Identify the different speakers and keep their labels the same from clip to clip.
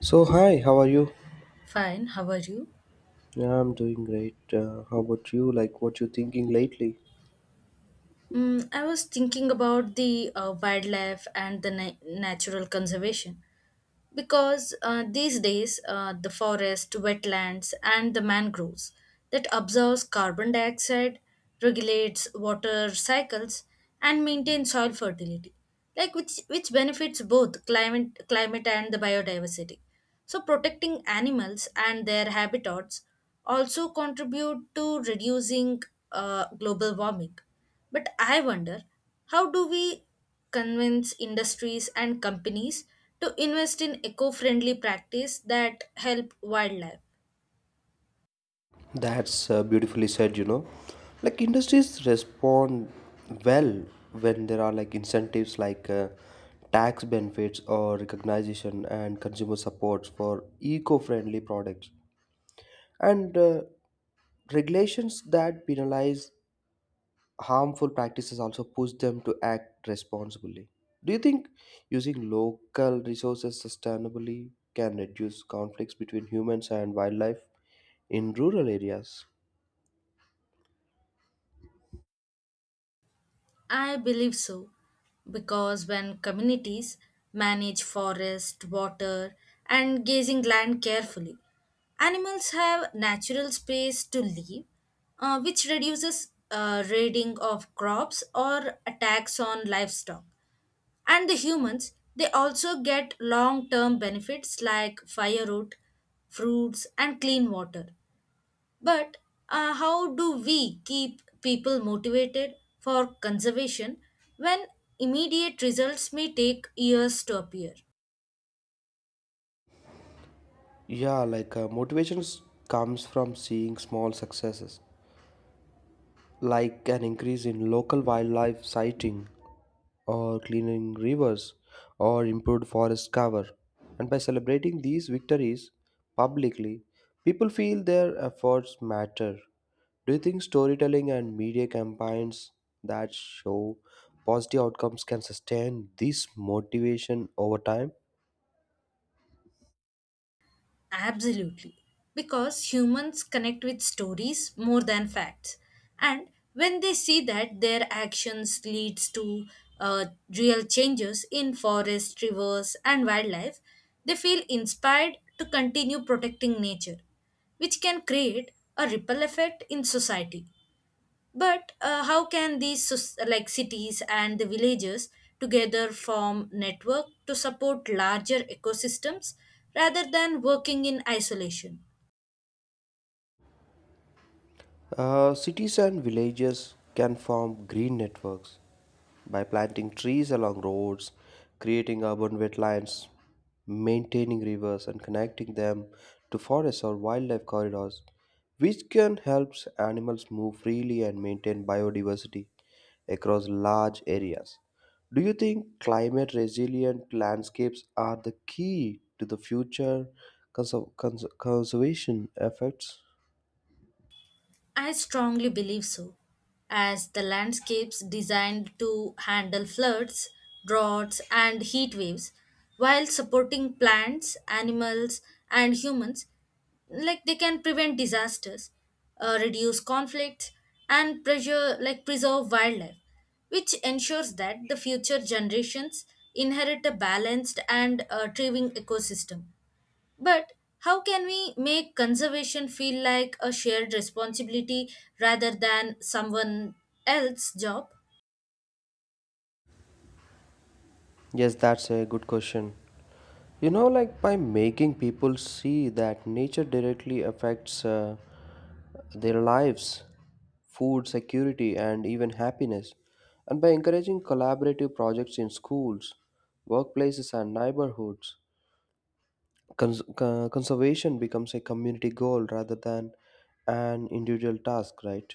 Speaker 1: So hi, how are you?
Speaker 2: Fine, how are you?
Speaker 1: Yeah, I'm doing great. How about you? Like what you thinking lately?
Speaker 2: I was thinking about the wildlife and the natural conservation. Because these days, the forest, wetlands, and the mangroves that absorbs carbon dioxide, regulates water cycles, and maintain soil fertility, like which benefits both climate and the biodiversity. So protecting animals and their habitats also contribute to reducing global warming. But I wonder, how do we convince industries and companies to invest in eco-friendly practice that help wildlife?
Speaker 1: That's beautifully said. Like industries respond well when there are like incentives like tax benefits or recognition and consumer supports for eco-friendly products and regulations that penalize harmful practices also push them to act responsibly. Do you think using local resources sustainably can reduce conflicts between humans and wildlife in rural areas?
Speaker 2: I believe so, because when communities manage forest water and grazing land carefully, animals have natural space to live, which reduces raiding of crops or attacks on livestock. And the humans, they also get long term benefits like firewood, fruits, and clean water. But how do we keep people motivated for conservation when immediate results may take years to appear?
Speaker 1: Yeah, like motivations comes from seeing small successes, like an increase in local wildlife sighting or cleaning rivers, or improved forest cover. And by celebrating these victories publicly, people feel their efforts matter. Do you think storytelling and media campaigns that show positive outcomes can sustain this motivation over time?
Speaker 2: Absolutely. Because humans connect with stories more than facts. And when they see that their actions leads to uh, real changes in forests, rivers and wildlife, they feel inspired to continue protecting nature, which can create a ripple effect in society. But how can these like cities and the villages together form network to support larger ecosystems rather than working in isolation?
Speaker 1: Cities and villages can form green networks by planting trees along roads, creating urban wetlands, maintaining rivers, and connecting them to forests or wildlife corridors, which can help animals move freely and maintain biodiversity across large areas. Do you think climate resilient landscapes are the key to the future conservation efforts?
Speaker 2: I strongly believe so, as the landscapes designed to handle floods, droughts, and heat waves, while supporting plants, animals, and humans, like they can prevent disasters, reduce conflicts, and pressure like preserve wildlife, which ensures that the future generations inherit a balanced and thriving ecosystem. But how can we make conservation feel like a shared responsibility rather than someone else's job?
Speaker 1: Yes, that's a good question. You know, like by making people see that nature directly affects their lives, food security, and even happiness, and by encouraging collaborative projects in schools, workplaces, and neighborhoods, conservation becomes a community goal rather than an individual task, right?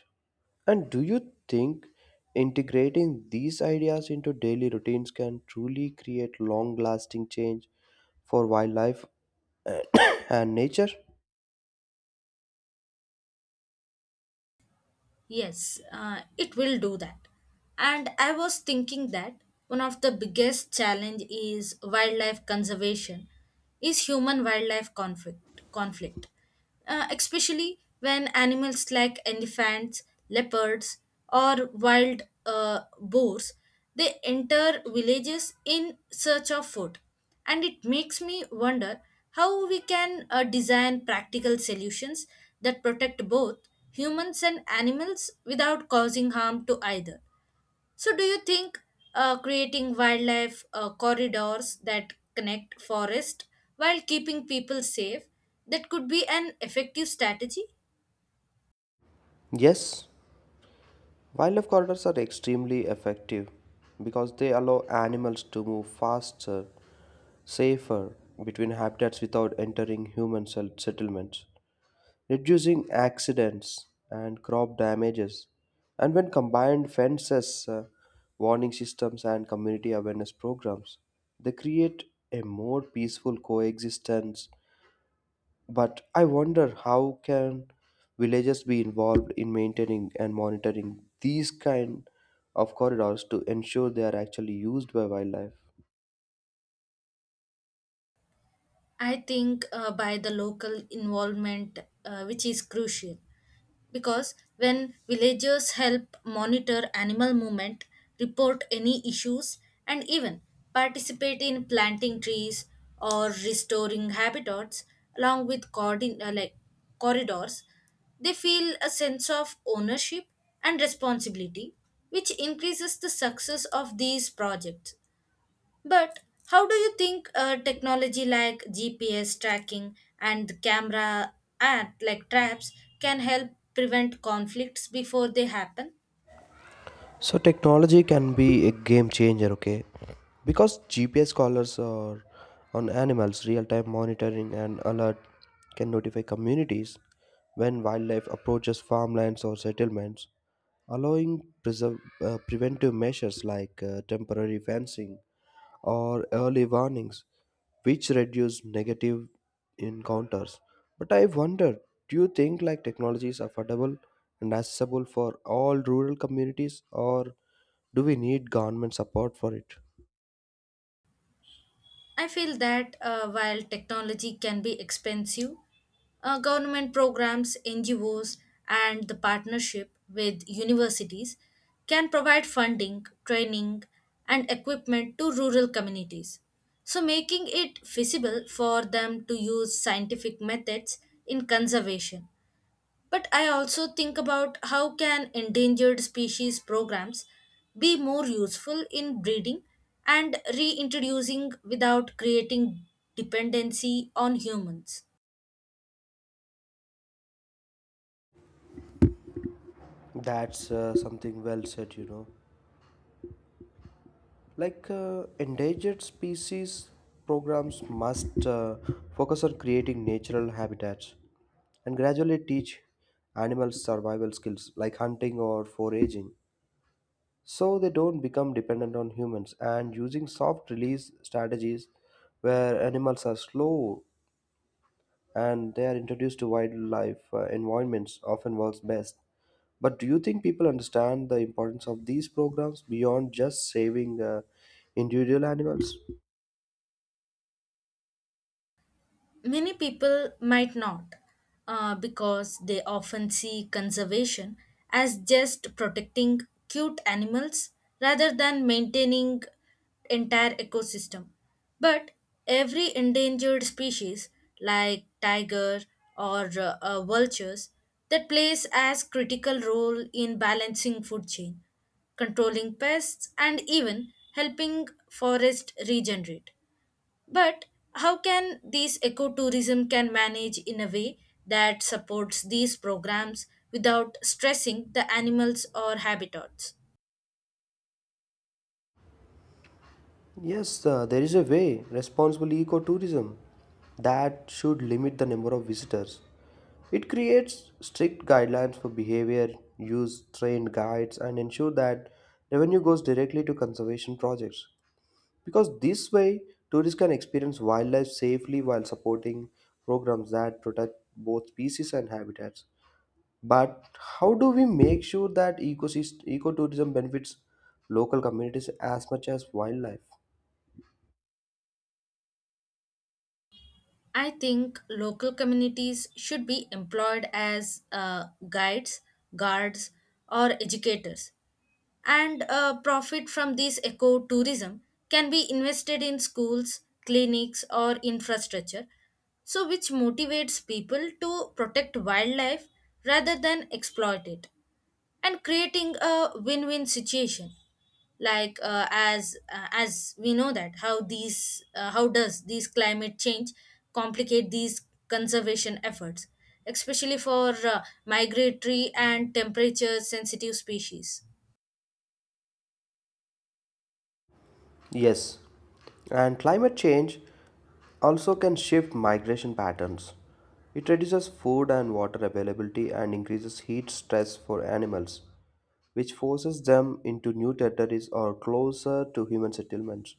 Speaker 1: And do you think integrating these ideas into daily routines can truly create long lasting change for wildlife and and nature?
Speaker 2: Yes, it will do that. And I was thinking that one of the biggest challenge is wildlife conservation is human wildlife conflict. Especially when animals like elephants, leopards or wild boars, they enter villages in search of food. And it makes me wonder how we can design practical solutions that protect both humans and animals without causing harm to either. So, do you think creating wildlife corridors that connect forest while keeping people safe, that could be an effective strategy?
Speaker 1: Yes, wildlife corridors are extremely effective because they allow animals to move faster, safer between habitats without entering human settlements, reducing accidents and crop damages. And when combined fences, warning systems, and community awareness programs, they create a more peaceful coexistence. But I wonder how can villagers be involved in maintaining and monitoring these kind of corridors to ensure they are actually used by wildlife?
Speaker 2: I think, by the local involvement, which is crucial, because when villagers help monitor animal movement, report any issues, and even participate in planting trees or restoring habitats along with like corridors, they feel a sense of ownership and responsibility, which increases the success of these projects. But how do you think technology like GPS tracking and the camera at like traps can help prevent conflicts before they happen?
Speaker 1: So technology can be a game changer, okay? Because GPS collars are on animals, real-time monitoring and alert can notify communities when wildlife approaches farmlands or settlements, allowing preventive measures like temporary fencing or early warnings, which reduce negative encounters. But I wonder, do you think like technology is affordable and accessible for all rural communities, or do we need government support for it?
Speaker 2: I feel that, while technology can be expensive, government programs, NGOs, and the partnership with universities can provide funding, training, and equipment to rural communities. So, making it feasible for them to use scientific methods in conservation. But I also think about how can endangered species programs be more useful in breeding and reintroducing without creating dependency on humans.
Speaker 1: That's something well said, you know. Like endangered species programs must focus on creating natural habitats and gradually teach animals survival skills like hunting or foraging, so they don't become dependent on humans and using soft release strategies where animals are slow and they are introduced to wildlife environments often works best. But do you think people understand the importance of these programs beyond just saving individual animals?
Speaker 2: Many people might not, because they often see conservation as just protecting cute animals rather than maintaining entire ecosystem. But every endangered species, like tiger or vultures, that plays as critical role in balancing food chain, controlling pests, and even helping forest regenerate. But how can these ecotourism can manage in a way that supports these programs without stressing the animals or habitats?
Speaker 1: Yes, there is a way. Responsible ecotourism that should limit the number of visitors. It creates strict guidelines for behavior, use trained guides, and ensure that revenue goes directly to conservation projects. Because this way, tourists can experience wildlife safely while supporting programs that protect both species and habitats. But how do we make sure that ecotourism benefits local communities as much as wildlife?
Speaker 2: I think local communities should be employed as guides, guards, or educators, and profit from this ecotourism can be invested in schools, clinics, or infrastructure, so which motivates people to protect wildlife rather than exploit it, and creating a win-win situation. Like as we know that how these, how does these climate change complicate these conservation efforts, especially for migratory and temperature sensitive species?
Speaker 1: Yes, and climate change also can shift migration patterns. It reduces food and water availability and increases heat stress for animals, which forces them into new territories or closer to human settlements.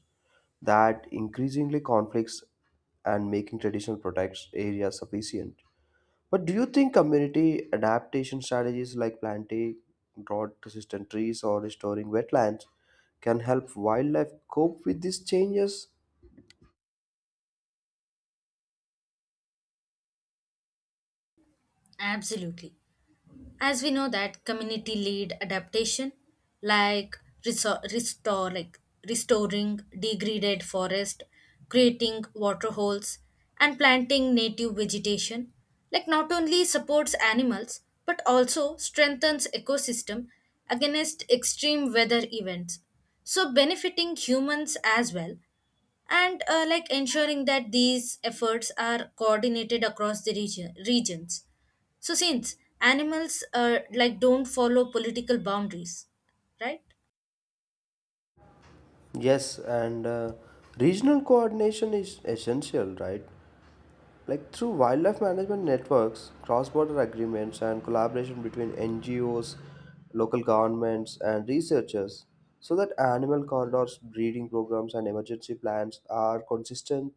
Speaker 1: That increasingly conflicts and making traditional protected areas sufficient. But do you think community adaptation strategies like planting drought resistant trees or restoring wetlands can help wildlife cope with these changes?
Speaker 2: Absolutely. As we know that community led adaptation, like resor- restore like restoring degraded forest, creating water holes, and planting native vegetation, like not only supports animals but also strengthens ecosystem against extreme weather events, so benefiting humans as well. And like ensuring that these efforts are coordinated across the regions, so since animals like don't follow political boundaries, right?
Speaker 1: Yes, and regional coordination is essential, right? Like through wildlife management networks, cross border agreements, and collaboration between NGOs, local governments, and researchers, so that animal corridors, breeding programs, and emergency plans are consistent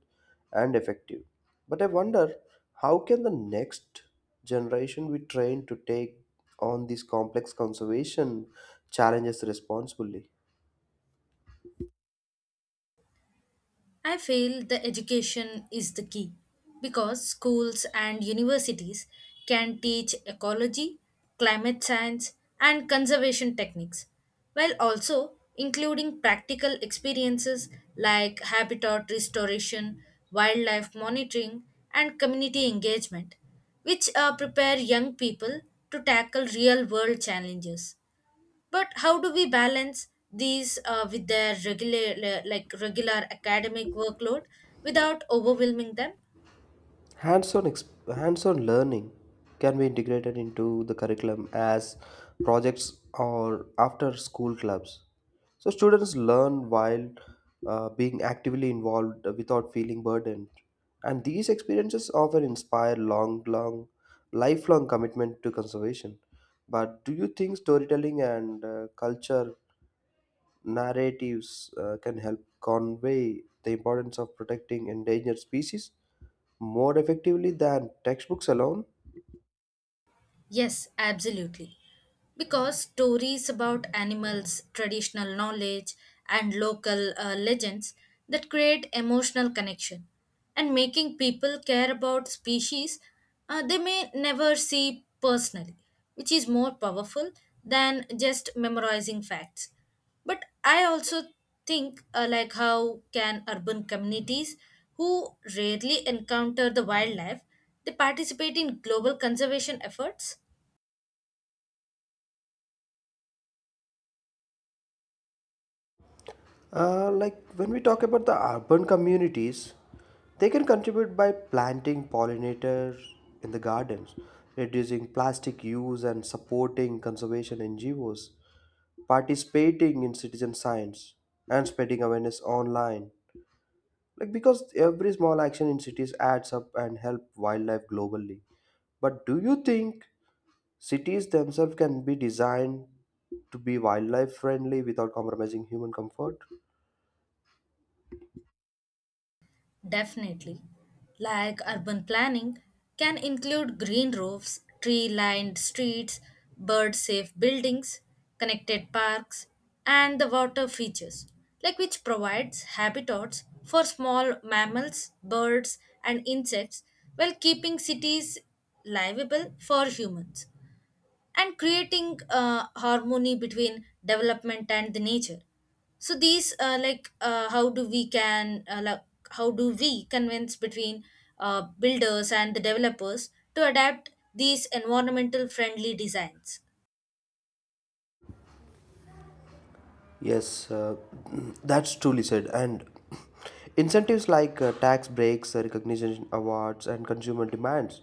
Speaker 1: and effective. But I wonder how can the next generation be trained to take on these complex conservation challenges responsibly?
Speaker 2: I feel the education is the key, because schools and universities can teach ecology, climate science, and conservation techniques, while also including practical experiences like habitat restoration, wildlife monitoring, and community engagement, which prepare young people to tackle real world challenges. But how do we balance these with their regular academic workload without overwhelming them?
Speaker 1: Hands-on learning can be integrated into the curriculum as projects or after school clubs. So students learn while being actively involved without feeling burdened. And these experiences often inspire lifelong commitment to conservation. But do you think storytelling and culture narratives can help convey the importance of protecting endangered species more effectively than textbooks alone?
Speaker 2: Yes, absolutely. Because stories about animals traditional knowledge and local legends, that create emotional connection and making people care about species they may never see personally, which is more powerful than just memorizing facts. But I also think, like how can urban communities who rarely encounter the wildlife, they participate in global conservation efforts?
Speaker 1: Like when we talk about the urban communities, they can contribute by planting pollinators in the gardens, reducing plastic use, and supporting conservation NGOs, participating in citizen science, and spreading awareness online. Like because every small action in cities adds up and help wildlife globally. But do you think cities themselves can be designed to be wildlife friendly without compromising human comfort?
Speaker 2: Definitely. Like urban planning can include green roofs, tree lined streets, bird safe buildings, connected parks, and the water features, like which provides habitats for small mammals, birds, and insects, while keeping cities livable for humans and creating harmony between development and the nature. So these, like how do we can like, how do we convince between builders and the developers to adapt these environmental friendly designs?
Speaker 1: Yes, that's truly said. And incentives like tax breaks, recognition awards, and consumer demands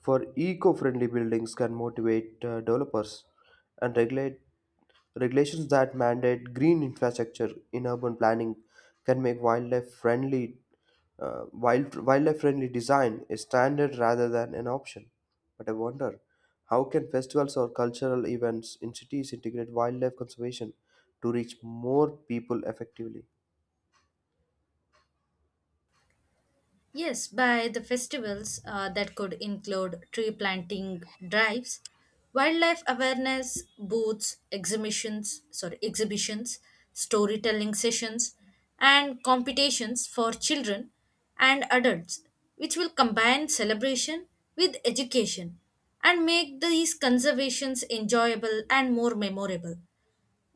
Speaker 1: for eco friendly buildings can motivate developers and regulate regulations that mandate green infrastructure in urban planning can make wildlife friendly wildlife friendly design a standard rather than an option. But I wonder how can festivals or cultural events in cities integrate wildlife conservation to reach more people effectively?
Speaker 2: Yes, by the festivals, that could include tree planting drives, wildlife awareness booths, exhibitions, storytelling sessions, and competitions for children and adults, which will combine celebration with education and make these conservations enjoyable and more memorable.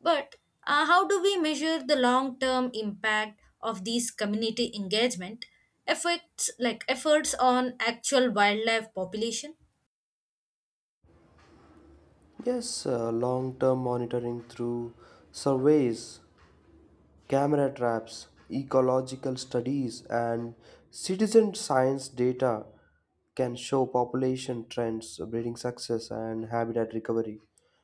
Speaker 2: But how do we measure the long term impact of these community engagement efforts on actual wildlife population?
Speaker 1: Yes, long term monitoring through surveys, camera traps, ecological studies, and citizen science data can show population trends, breeding success, and habitat recovery,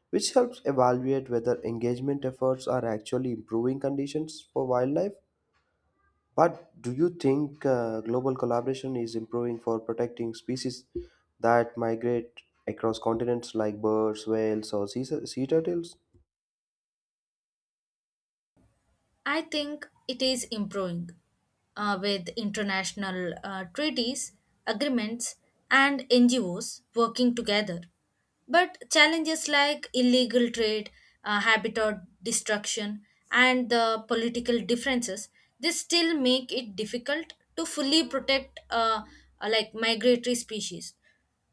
Speaker 1: which helps evaluate whether engagement efforts are actually improving conditions for wildlife. But do you think global collaboration is improving for protecting species that migrate across continents like birds, whales, or sea turtles?
Speaker 2: I think it is improving with international treaties, agreements, and NGOs working together. But challenges like illegal trade, habitat destruction, and the political differences, they still make it difficult to fully protect like migratory species.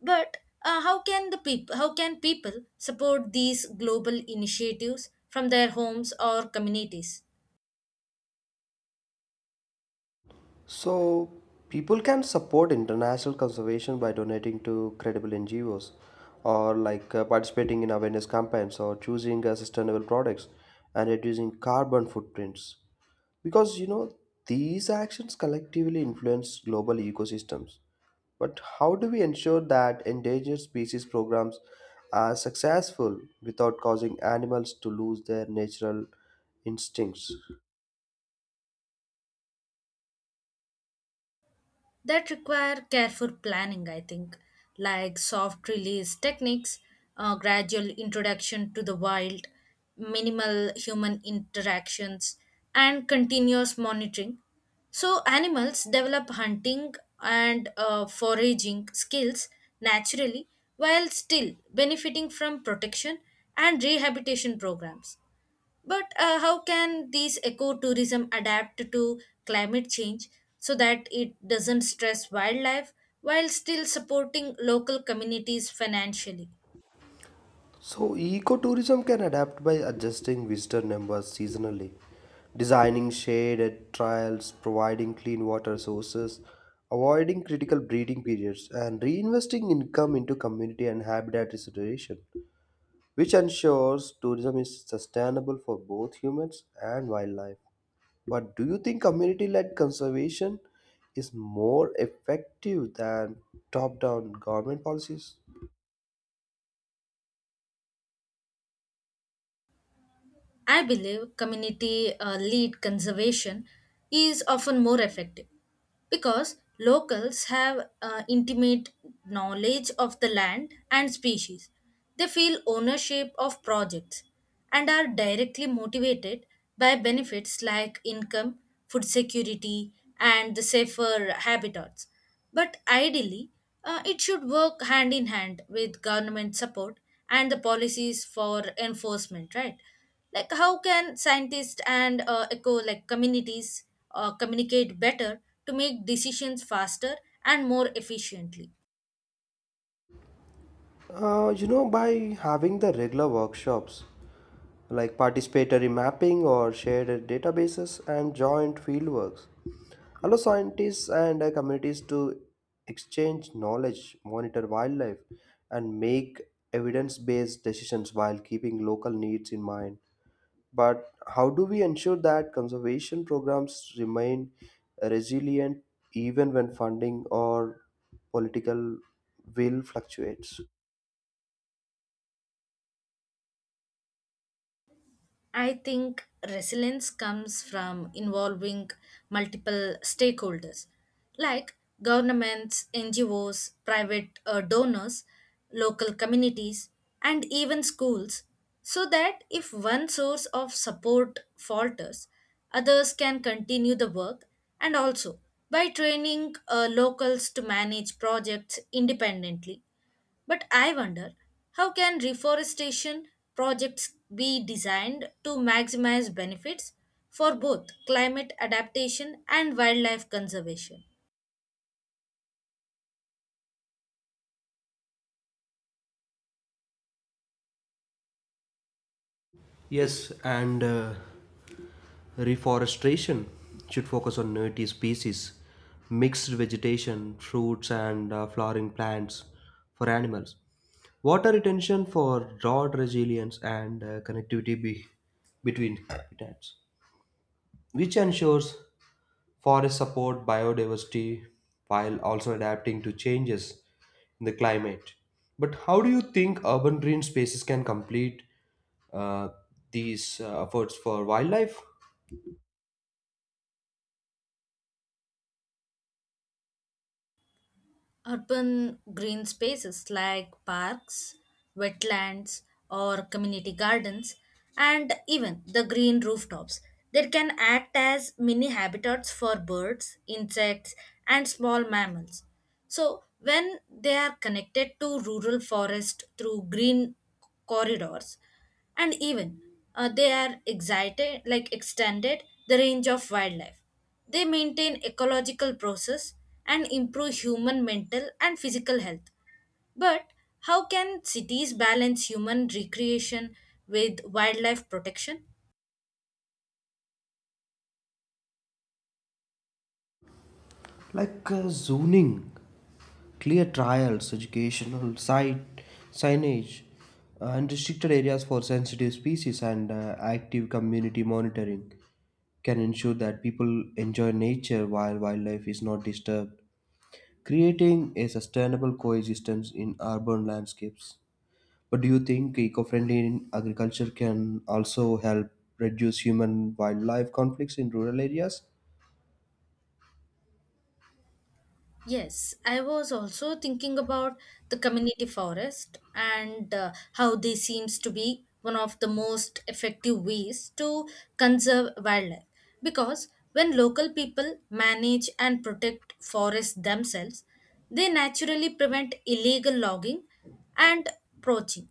Speaker 2: But how can people support these global initiatives from their homes or communities?
Speaker 1: So, people can support international conservation by donating to credible NGOs or like participating in awareness campaigns or choosing sustainable products and reducing carbon footprints. Because you know, these actions collectively influence global ecosystems. But how do we ensure that endangered species programs are successful without causing animals to lose their natural instincts?
Speaker 2: That require careful planning, I think. Like soft release techniques, gradual introduction to the wild, minimal human interactions, and continuous monitoring, so animals develop hunting and foraging skills naturally, while still benefiting from protection and rehabilitation programs. But how can these ecotourism adapt to climate change so that it doesn't stress wildlife while still supporting local communities financially?
Speaker 1: So, ecotourism can adapt by adjusting visitor numbers seasonally, designing shaded trails, providing clean water sources, avoiding critical breeding periods, and reinvesting income into community and habitat restoration, which ensures tourism is sustainable for both humans and wildlife. But do you think community led conservation is more effective than top down government policies?
Speaker 2: I believe community led conservation is often more effective because locals have intimate knowledge of the land and species. They feel ownership of projects and are directly motivated by benefits like income, food security, and the safer habitats. But ideally, it should work hand in hand with government support and the policies for enforcement, right? Like, how can scientists and eco like communities communicate better to make decisions faster and more efficiently?
Speaker 1: You know, by having the regular workshops, like participatory mapping or shared databases and joint fieldworks allow scientists and communities to exchange knowledge, monitor wildlife, and make evidence-based decisions while keeping local needs in mind. But how do we ensure that conservation programs remain resilient even when funding or political will fluctuates?
Speaker 2: I think resilience comes from involving multiple stakeholders like governments, NGOs, private donors, local communities, and even schools, so that if one source of support falters, others can continue the work, and also by training locals to manage projects independently. But I wonder, how can reforestation projects be designed to maximize benefits for both climate adaptation and wildlife conservation?
Speaker 1: Yes, and reforestation should focus on native species, mixed vegetation, fruits, and flowering plants for animals. Water retention for drought resilience and connectivity between habitats, which ensures forests support biodiversity while also adapting to changes in the climate. But how do you think urban green spaces can complete uh, these efforts for wildlife?
Speaker 2: Urban green spaces like parks, wetlands, or community gardens, and even the green rooftops, they can act as mini habitats for birds, insects, and small mammals. So, when they are connected to rural forest through green corridors, and even, they are excited, like extended the range of wildlife. They maintain ecological process and improve human mental and physical health. But how can cities balance human recreation with wildlife protection?
Speaker 1: Like zoning, clear trials, educational site signage, and restricted areas for sensitive species and active community monitoring can ensure that people enjoy nature while wildlife is not disturbed, creating a sustainable coexistence in urban landscapes. But do you think eco-friendly agriculture can also help reduce human-wildlife conflicts in rural areas?
Speaker 2: Yes, I was also thinking about the community forest and how they seems to be one of the most effective ways to conserve wildlife, because when local people manage and protect forests themselves, they naturally prevent illegal logging and poaching,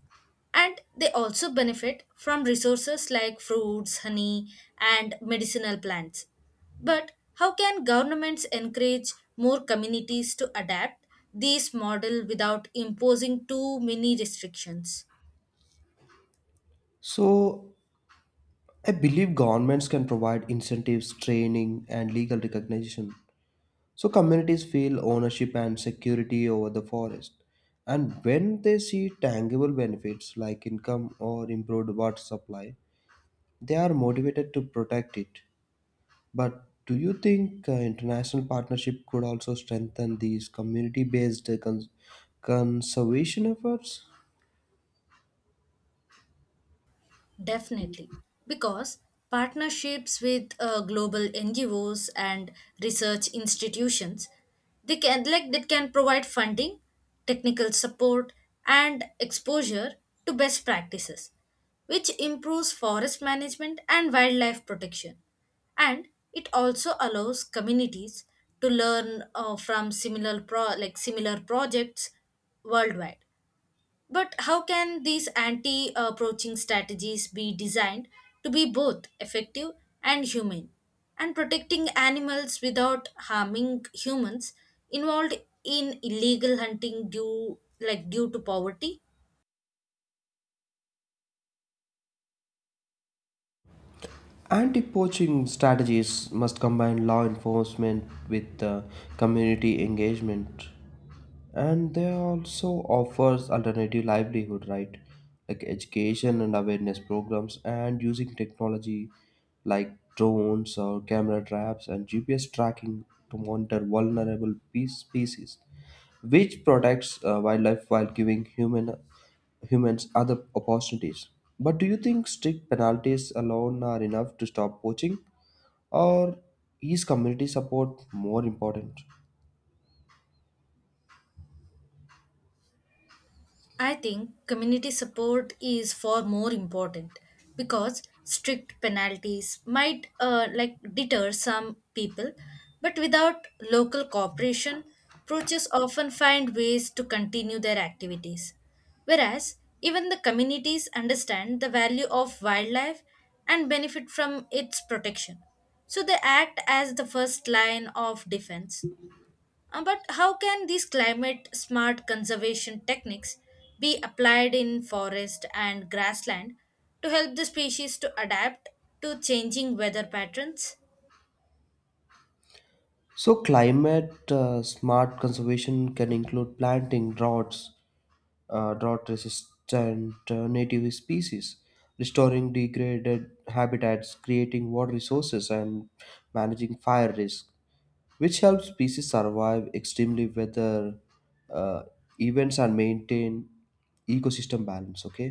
Speaker 2: and they also benefit from resources like fruits, honey and medicinal plants. But how can governments encourage more communities to adapt these model without imposing too many restrictions?
Speaker 1: So I believe governments can provide incentives, training, and legal recognition so communities feel ownership and security over the forest. And when they see tangible benefits like income or improved water supply, they are motivated to protect it. But do you think international partnership could also strengthen these community based conservation efforts?
Speaker 2: Definitely, because partnerships with global NGOs and research institutions, they can that can provide funding, technical support, and exposure to best practices, which improves forest management and wildlife protection. And it also allows communities to learn from similar projects worldwide. But how can these anti approaching strategies be designed to be both effective and humane? And protecting animals without harming humans involved in illegal hunting due to poverty?
Speaker 1: Anti poaching strategies must combine law enforcement with community engagement. And they also offers alternative livelihood, right? Like education and awareness programs and using technology like drones or camera traps and GPS tracking to monitor species, which protects wildlife while giving humans other opportunities. But do you think strict penalties alone are enough to stop poaching, or is community support more important?
Speaker 2: I think community support is far more important, because strict penalties might like deter some people, but without local cooperation, poachers often find ways to continue their activities. Whereas even the communities understand the value of wildlife and benefit from its protection, so they act as the first line of defense. But how can these climate smart conservation techniques be applied in forest and grassland to help the species to adapt to changing weather patterns?
Speaker 1: So, climate smart conservation can include drought resistant native species, restoring degraded habitats, creating water resources, and managing fire risk, which helps species survive extremely weather uh, events and maintain ecosystem balance. Okay,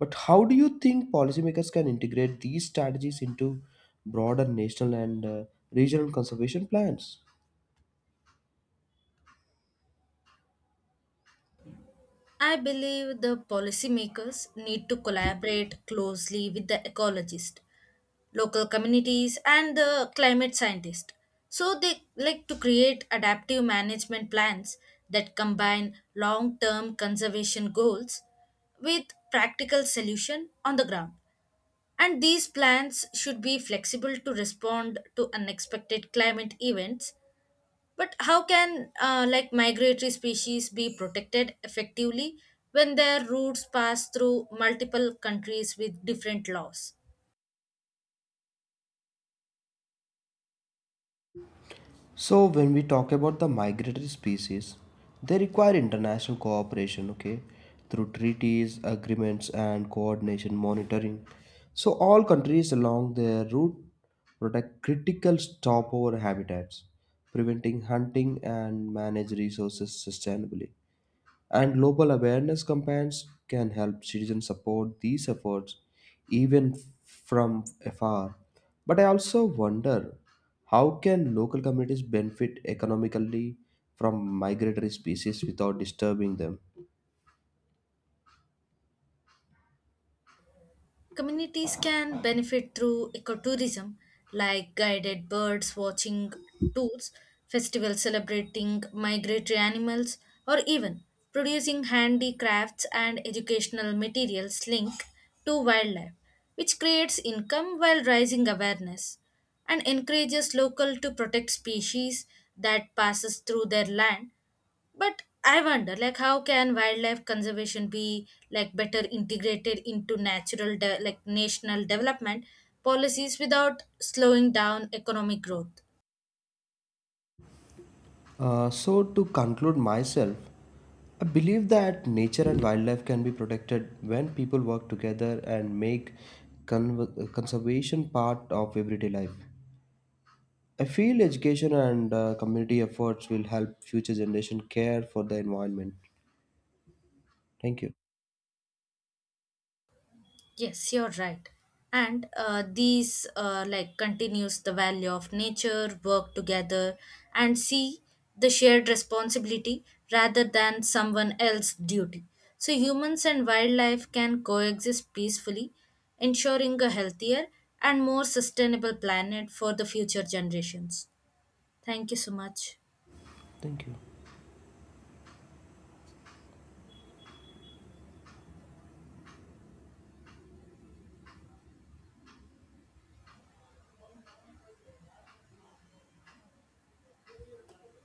Speaker 1: but how do you think policymakers can integrate these strategies into broader national and regional conservation plans?
Speaker 2: I believe the policymakers need to collaborate closely with the ecologists, local communities and the climate scientists, so they like to create adaptive management plans that combine long-term conservation goals with practical solution on the ground, and these plans should be flexible to respond to unexpected climate events. But how can, like migratory species be protected effectively when their routes pass through multiple countries with different laws?
Speaker 1: So when we talk about the migratory species, they require international cooperation, okay, through treaties, agreements, and coordination monitoring. So all countries along their route protect critical stopover habitats, preventing hunting and manage resources sustainably, and global awareness campaigns can help citizens support these efforts even from afar. But I also wonder how can local communities benefit economically from migratory species without disturbing them?
Speaker 2: Communities can benefit through ecotourism, like guided birds watching tours, festivals celebrating migratory animals, or even producing handicrafts and educational materials linked to wildlife, which creates income while raising awareness and encourages local to protect species that passes through their land. But I wonder, like, how can wildlife conservation be like better integrated into national development policies without slowing down economic growth?
Speaker 1: So, to conclude myself, I believe that nature and wildlife can be protected when people work together and make conservation part of everyday life. I feel education and community efforts will help future generation care for the environment. Thank you.
Speaker 2: Yes, you're right. And these, like continues the value of nature, work together, and see the shared responsibility rather than someone else's duty. So humans and wildlife can coexist peacefully, ensuring a healthier and more sustainable planet for the future generations. Thank you so much.
Speaker 1: Thank you.